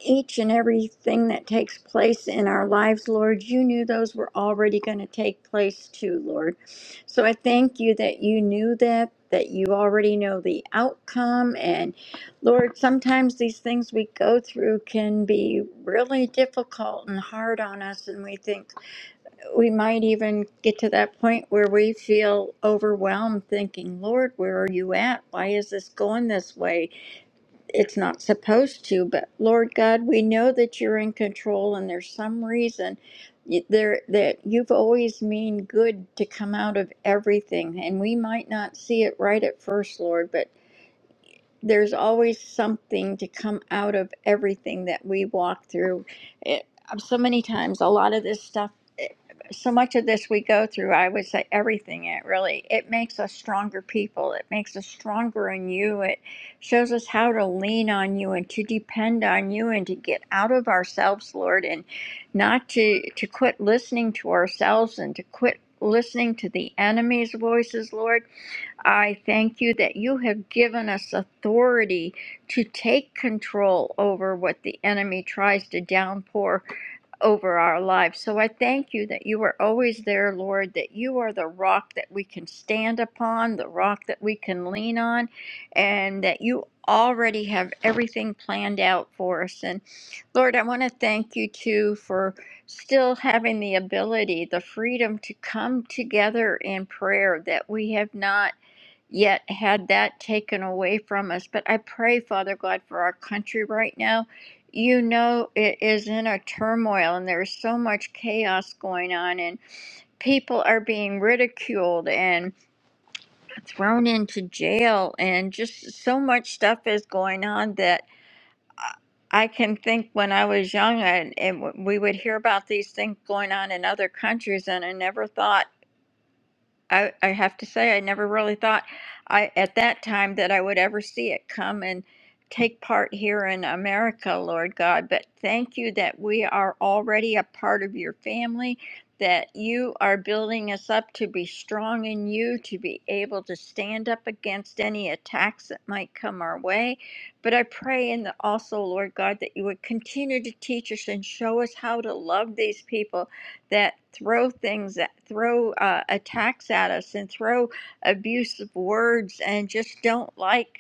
D: each and everything that takes place in our lives, Lord, you knew those were already going to take place too, Lord. So I thank you that you knew that. That you already know the outcome. And Lord, sometimes these things we go through can be really difficult and hard on us. And we think, we might even get to that point where we feel overwhelmed thinking, Lord, where are you at? Why is this going this way? It's not supposed to, but Lord God, we know that you're in control and there's some reason y- there that you've always mean good to come out of everything and we might not see it right at first lord but there's always something to come out of everything that we walk through. It, um, so many times, a lot of this stuff, it- so much of this we go through, I would say everything, it really, it makes us stronger people. It makes us stronger in you. It shows us how to lean on you and to depend on you and to get out of ourselves, Lord, and not to, to quit listening to ourselves and to quit listening to the enemy's voices, Lord I thank you that you have given us authority to take control over what the enemy tries to downpour over our lives. So I thank you that you are always there, Lord, that you are the rock that we can stand upon, the rock that we can lean on, and that you already have everything planned out for us. And Lord, I want to thank you too for still having the ability, the freedom to come together in prayer that we have not yet had that taken away from us. But I pray, Father God, for our country right now. You know, it is in a turmoil and there's so much chaos going on, and people are being ridiculed and thrown into jail, and just so much stuff is going on that. I I can think when I was young, and, and we would hear about these things going on in other countries, and I never thought. I, I have to say, I never really thought I at that time that I would ever see it come and take part here in America, Lord God. But thank you that we are already a part of your family, that you are building us up to be strong in you, to be able to stand up against any attacks that might come our way. But I pray and also, Lord God, that you would continue to teach us and show us how to love these people that throw things that throw uh, attacks at us and throw abusive words and just don't like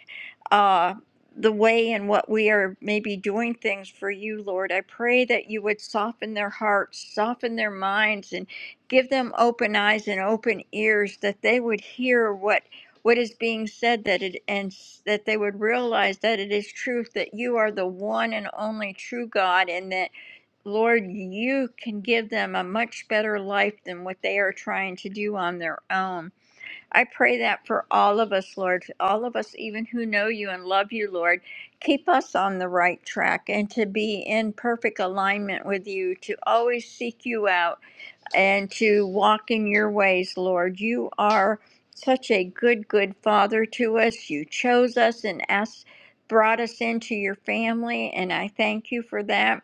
D: uh, the way in what we are maybe doing things for you lord i pray that you would soften their hearts soften their minds and give them open eyes and open ears that they would hear what what is being said that it and s- that they would realize that it is truth that you are the one and only true god and that Lord, you can give them a much better life than what they are trying to do on their own. I pray that for all of us, Lord, all of us, even who know you and love you, Lord. Keep us on the right track and to be in perfect alignment with you, to always seek you out and to walk in your ways, Lord. You are such a good, good father to us. You chose us and asked, brought us into your family, and I thank you for that.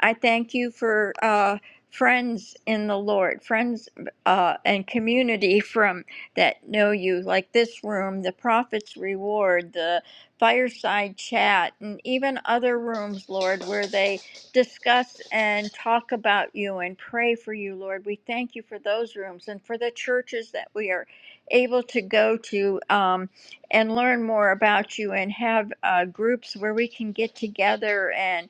D: I thank you for uh, friends in the Lord, friends uh, and community from that know you, like this room, the Prophet's Reward, the Fireside Chat, and even other rooms, Lord, where they discuss and talk about you and pray for you, Lord. We thank you for those rooms and for the churches that we are able to go to um, and learn more about you and have uh, groups where we can get together and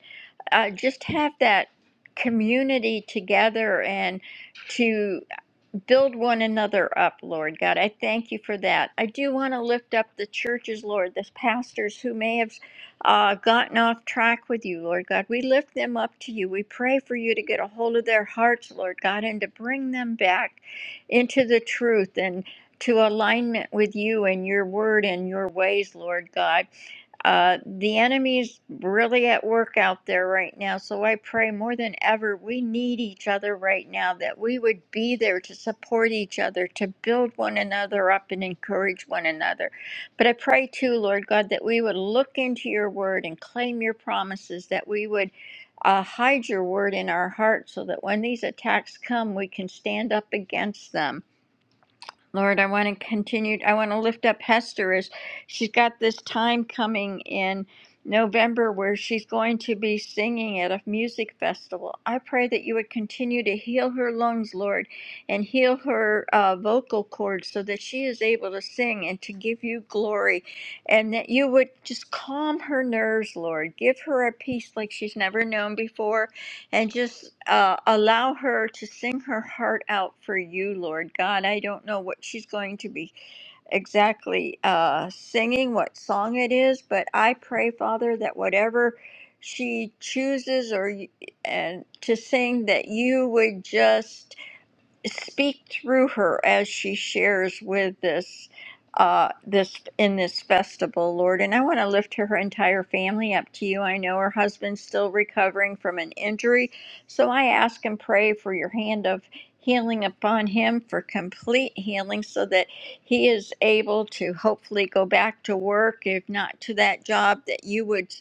D: uh, just have that community together and to build one another up, Lord God. I thank you for that. I do want to lift up the churches, Lord, the pastors who may have uh, gotten off track with you, Lord God. We lift them up to you. We pray for you to get a hold of their hearts, Lord God, and to bring them back into the truth and to alignment with you and your word and your ways, Lord God. Uh, the enemy's really at work out there right now. So I pray more than ever, we need each other right now, that we would be there to support each other, to build one another up and encourage one another. But I pray too, Lord God, that we would look into your word and claim your promises, that we would uh, hide your word in our hearts so that when these attacks come, we can stand up against them Lord, I want to continue. I want to lift up Hester as she's got this time coming in November where she's going to be singing at a music festival. I pray that you would continue to heal her lungs, Lord, and heal her uh, vocal cords so that she is able to sing and to give you glory, and that you would just calm her nerves, Lord. Give her a peace like she's never known before and just uh, allow her to sing her heart out for you, Lord God. I don't know what she's going to be exactly uh, singing, what song it is, but I pray, Father, that whatever she chooses or y- and to sing, that you would just speak through her as she shares with this uh this in this festival lord and i want to lift her entire family up to you i know her husband's still recovering from an injury so i ask and pray for your hand of healing upon him for complete healing so that he is able to hopefully go back to work if not to that job that you would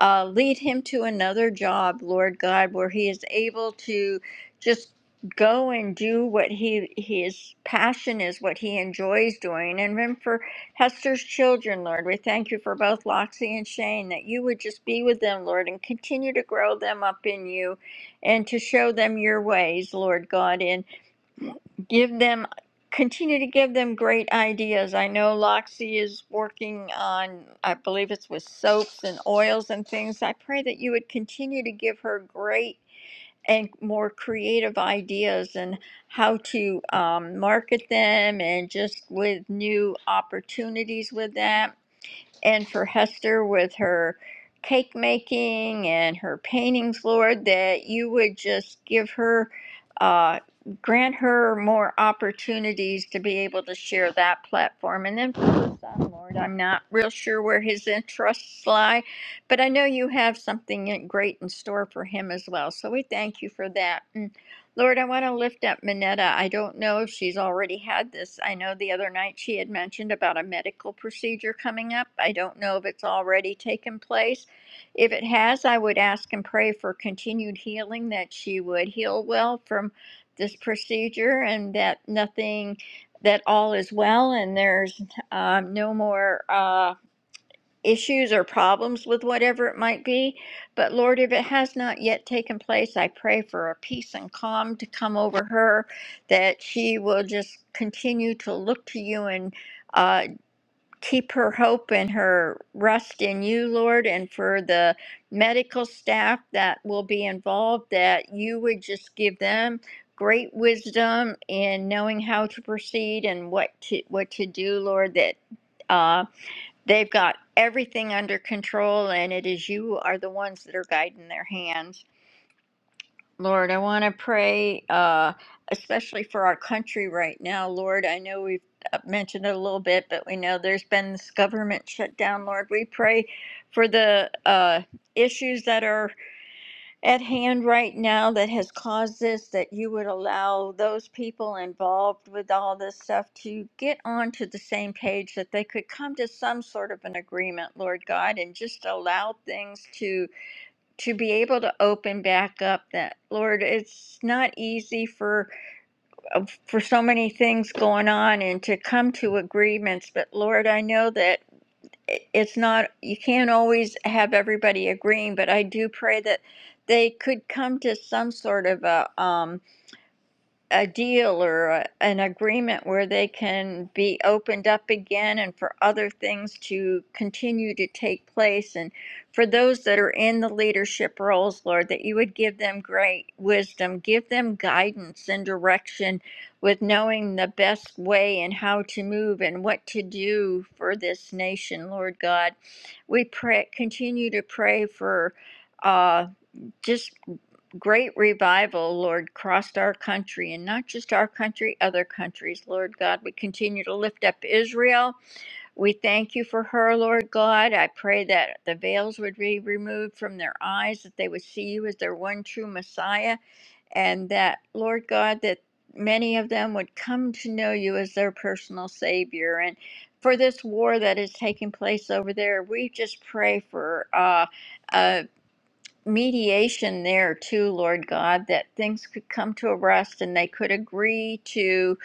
D: uh, lead him to another job lord god where he is able to just go and do what he his passion is what he enjoys doing and then for hester's children lord we thank you for both loxie and shane that you would just be with them lord and continue to grow them up in you and to show them your ways lord god and give them continue to give them great ideas i know loxie is working on i believe it's with soaps and oils and things i pray that you would continue to give her great and more creative ideas and how to um, market them and just with new opportunities with that and for Hester with her cake making and her paintings, Lord, that you would just give her, uh, grant her more opportunities to be able to share that platform. And then for her son, Lord, I'm not real sure where his interests lie, but I know you have something great in store for him as well. So we thank you for that. And Lord, I want to lift up Minetta. I don't know if she's already had this. I know the other night she had mentioned about a medical procedure coming up. I don't know if it's already taken place. If it has, I would ask and pray for continued healing, that she would heal well from this procedure and that nothing, that all is well and there's um, no more. Uh, issues or problems with whatever it might be. But Lord, if it has not yet taken place, I pray for a peace and calm to come over her, that she will just continue to look to you and uh, keep her hope and her rest in you, Lord, and for the medical staff that will be involved, that you would just give them great wisdom in knowing how to proceed and what to what to do, Lord, that uh, They've got everything under control, and it is you are the ones that are guiding their hands. Lord, I want to pray, uh, especially for our country right now. Lord, I know we've uh, mentioned it a little bit, but we know there's been this government shutdown. Lord, we pray for the uh, issues that are at hand right now that has caused this that you would allow those people involved with all this stuff to get onto the same page that they could come to some sort of an agreement lord god and just allow things to to be able to open back up that lord it's not easy for uh, for so many things going on and to come to agreements but lord i know that it's not you can't always have everybody agreeing but i do pray that they could come to some sort of a um a deal or a, an agreement where they can be opened up again and for other things to continue to take place. And for those that are in the leadership roles, Lord, that you would give them great wisdom, give them guidance and direction with knowing the best way and how to move and what to do for this nation, Lord God. We pray, continue to pray for. uh, just great revival, Lord, crossed our country and not just our country, other countries, Lord God. We continue to lift up Israel. We thank you for her, Lord God. I pray that the veils would be removed from their eyes, that they would see you as their one true Messiah, and that, Lord God, that many of them would come to know you as their personal Savior. And for this war that is taking place over there, we just pray for. Uh, uh, mediation there too, Lord God, that things could come to a rest and they could agree to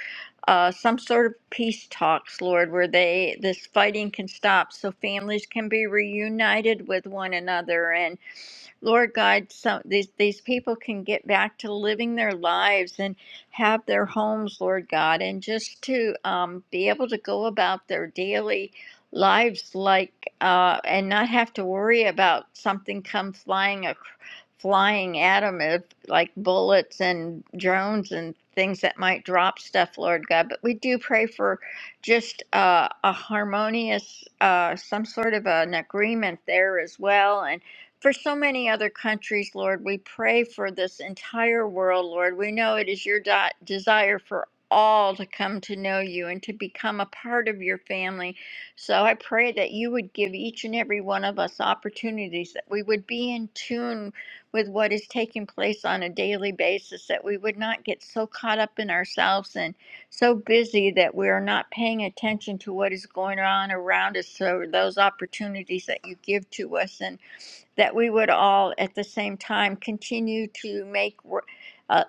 D: uh, some sort of peace talks, Lord, where they this fighting can stop, so families can be reunited with one another and. Lord God, some these these people can get back to living their lives and have their homes, Lord God, and just to um, be able to go about their daily lives like uh, and not have to worry about something come flying ac- flying at them if, like bullets and drones and things that might drop stuff, Lord God. But we do pray for just uh, a harmonious, uh, some sort of an agreement there as well, and for so many other countries, Lord. We pray for this entire world, Lord. We know it is your di- desire for all to come to know you and to become a part of your family. So I pray that you would give each and every one of us opportunities, that we would be in tune with what is taking place on a daily basis, that we would not get so caught up in ourselves and so busy that we are not paying attention to what is going on around us. So those opportunities that you give to us and that we would all at the same time continue to make uh,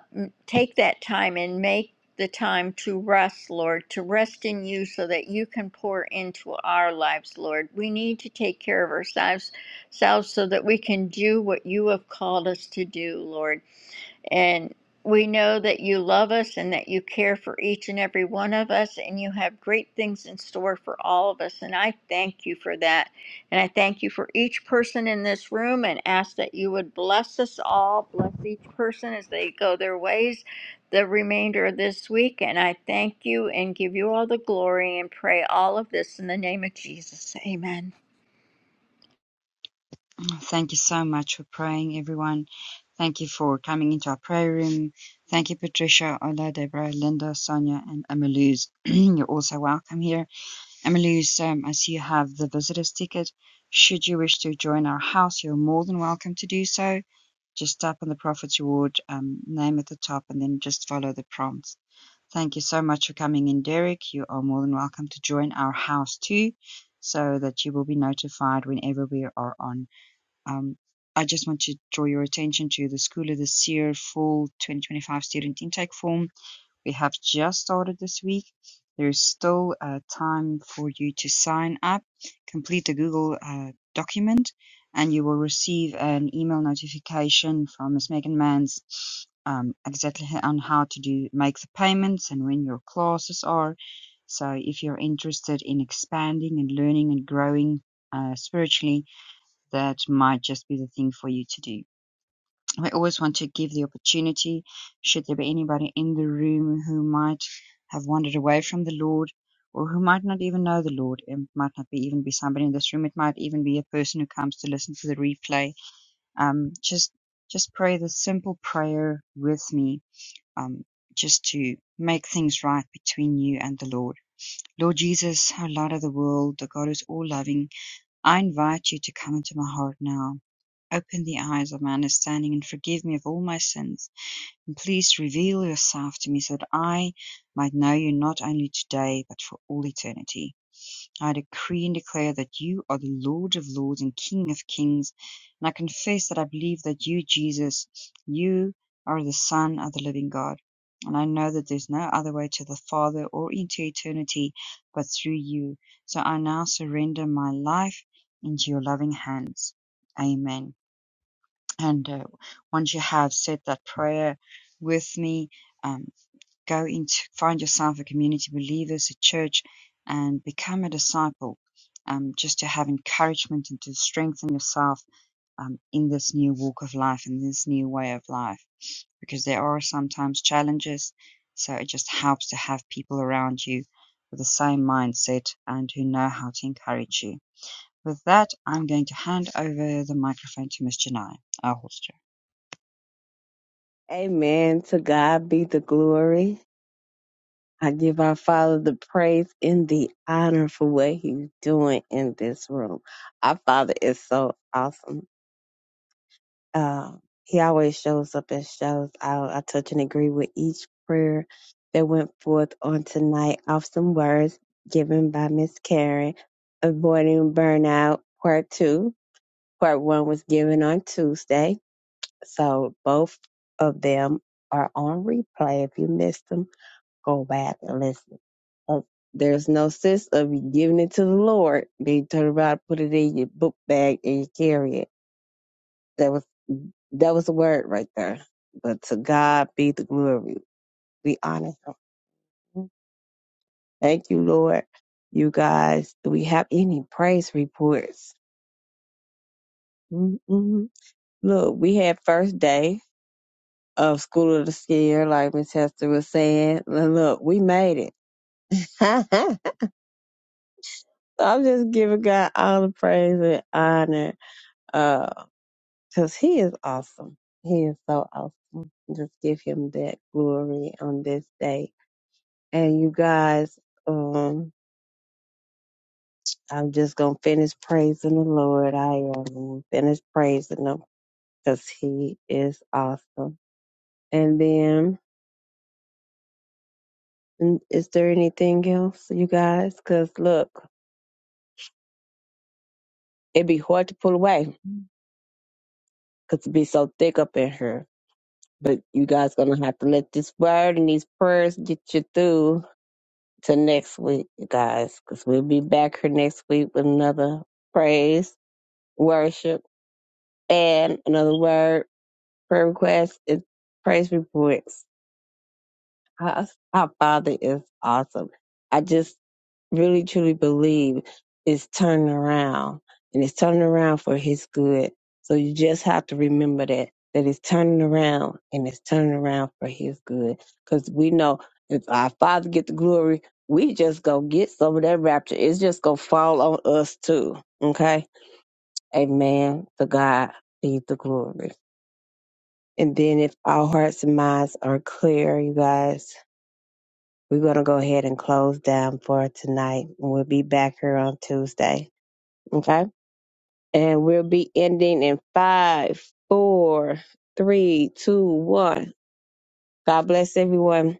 D: take that time and make the time to rest, Lord, to rest in you so that you can pour into our lives, Lord. We need to take care of ourselves selves so that we can do what you have called us to do, Lord. And we know that you love us and that you care for each and every one of us, and you have great things in store for all of us. And I thank you for that. And I thank you for each person in this room and ask that you would bless us all, bless each person as they go their ways the remainder of this week. And I thank you and give you all the glory and pray all of this in the name of Jesus. Amen.
A: Thank you so much for praying, everyone. Thank you for coming into our prayer room. Thank you, Patricia, Ola, Deborah, Linda, Sonia, and Amaluz. (clears throat) You're also welcome here. Amaluz, um, I see you have the visitor's ticket. Should you wish to join our house, you're more than welcome to do so. just tap on the Prophet's Reward um, name at the top and then just follow the prompts. Thank you so much for coming in, Derek. You are more than welcome to join our house too, so that you will be notified whenever we are on. Um, I just want to draw your attention to the School of the Seer Fall 2025 student intake form we have just started this week. There's still uh, time for you to sign up, complete the Google uh, document, and you will receive an email notification from Ms. Megan Manns um, exactly on how to do make the payments and when your classes are. So if you're interested in expanding and learning and growing uh, spiritually, that might just be the thing for you to do. I always want to give the opportunity, should there be anybody in the room who might have wandered away from the Lord or who might not even know the Lord. It might not be even be somebody in this room. It might even be a person who comes to listen to the replay. Um, just, just pray the simple prayer with me, um, just to make things right between you and the Lord. Lord Jesus, our light of the world, the God who's all loving, I invite you to come into my heart now. Open the eyes of my understanding and forgive me of all my sins. Please reveal yourself to me so that I might know you not only today, but for all eternity. I decree and declare that you are the Lord of lords and King of kings, and I confess that I believe that you, Jesus, you are the Son of the living God. And I know that there's no other way to the Father or into eternity but through you. So I now surrender my life into your loving hands. Amen. And uh, once you have said that prayer with me, um, go into find yourself a community of believers, a church, and become a disciple. Um, just to have encouragement and to strengthen yourself um, in this new walk of life, in this new way of life, because there are sometimes challenges. So it just helps to have people around you with the same mindset and who know how to encourage you. With that, I'm going to hand over the microphone to Miss Janai, our host.
B: Amen. To God be the glory. I give our Father the praise and the honor for what He's doing in this room. Our Father is so awesome. Uh, he always shows up and shows out. I touch and agree with each prayer that went forth on tonight Awesome words given by Miss Karen, avoiding burnout, part two. Part one was given on Tuesday. So both of them are on replay. If you missed them, go back and listen of there's no sense of you giving it to the Lord. Then you turn around, put it in your book bag, and you carry it. That was that was the word right there. But to God be the glory. Be honest. Thank you, Lord. You guys, do we have any praise reports? Mm-mm. Look, we had first day of School of the Scare, like Miss Hester was saying. And Look, we made it. (laughs) I'm just giving God all the praise and honor. Uh, because he is awesome. He is so awesome. Just give him that glory on this day. And you guys, um, I'm just gonna finish praising the Lord. I am gonna finish praising him because he is awesome. And then, mm, is there anything else, you guys? Because look, it'd be hard to pull away because it'd be so thick up in here. But you guys gonna have to let this word and these prayers get you through to next week, you guys, because we'll be back here next week with another praise, worship, and another word, prayer request, and praise reports. Our, our Father is awesome. I just really truly believe is turning around and it's turning around for his good. So you just have to remember that, that it's turning around and it's turning around for his good. Cause we know if our father get the glory, we just go get some of that rapture. It's just gonna fall on us too. Okay. Amen. To God be the glory. And then if our hearts and minds are clear, you guys, we're gonna go ahead and close down for tonight. and We'll be back here on Tuesday. Okay. And we'll be ending in five, four, three, two, one. God bless everyone.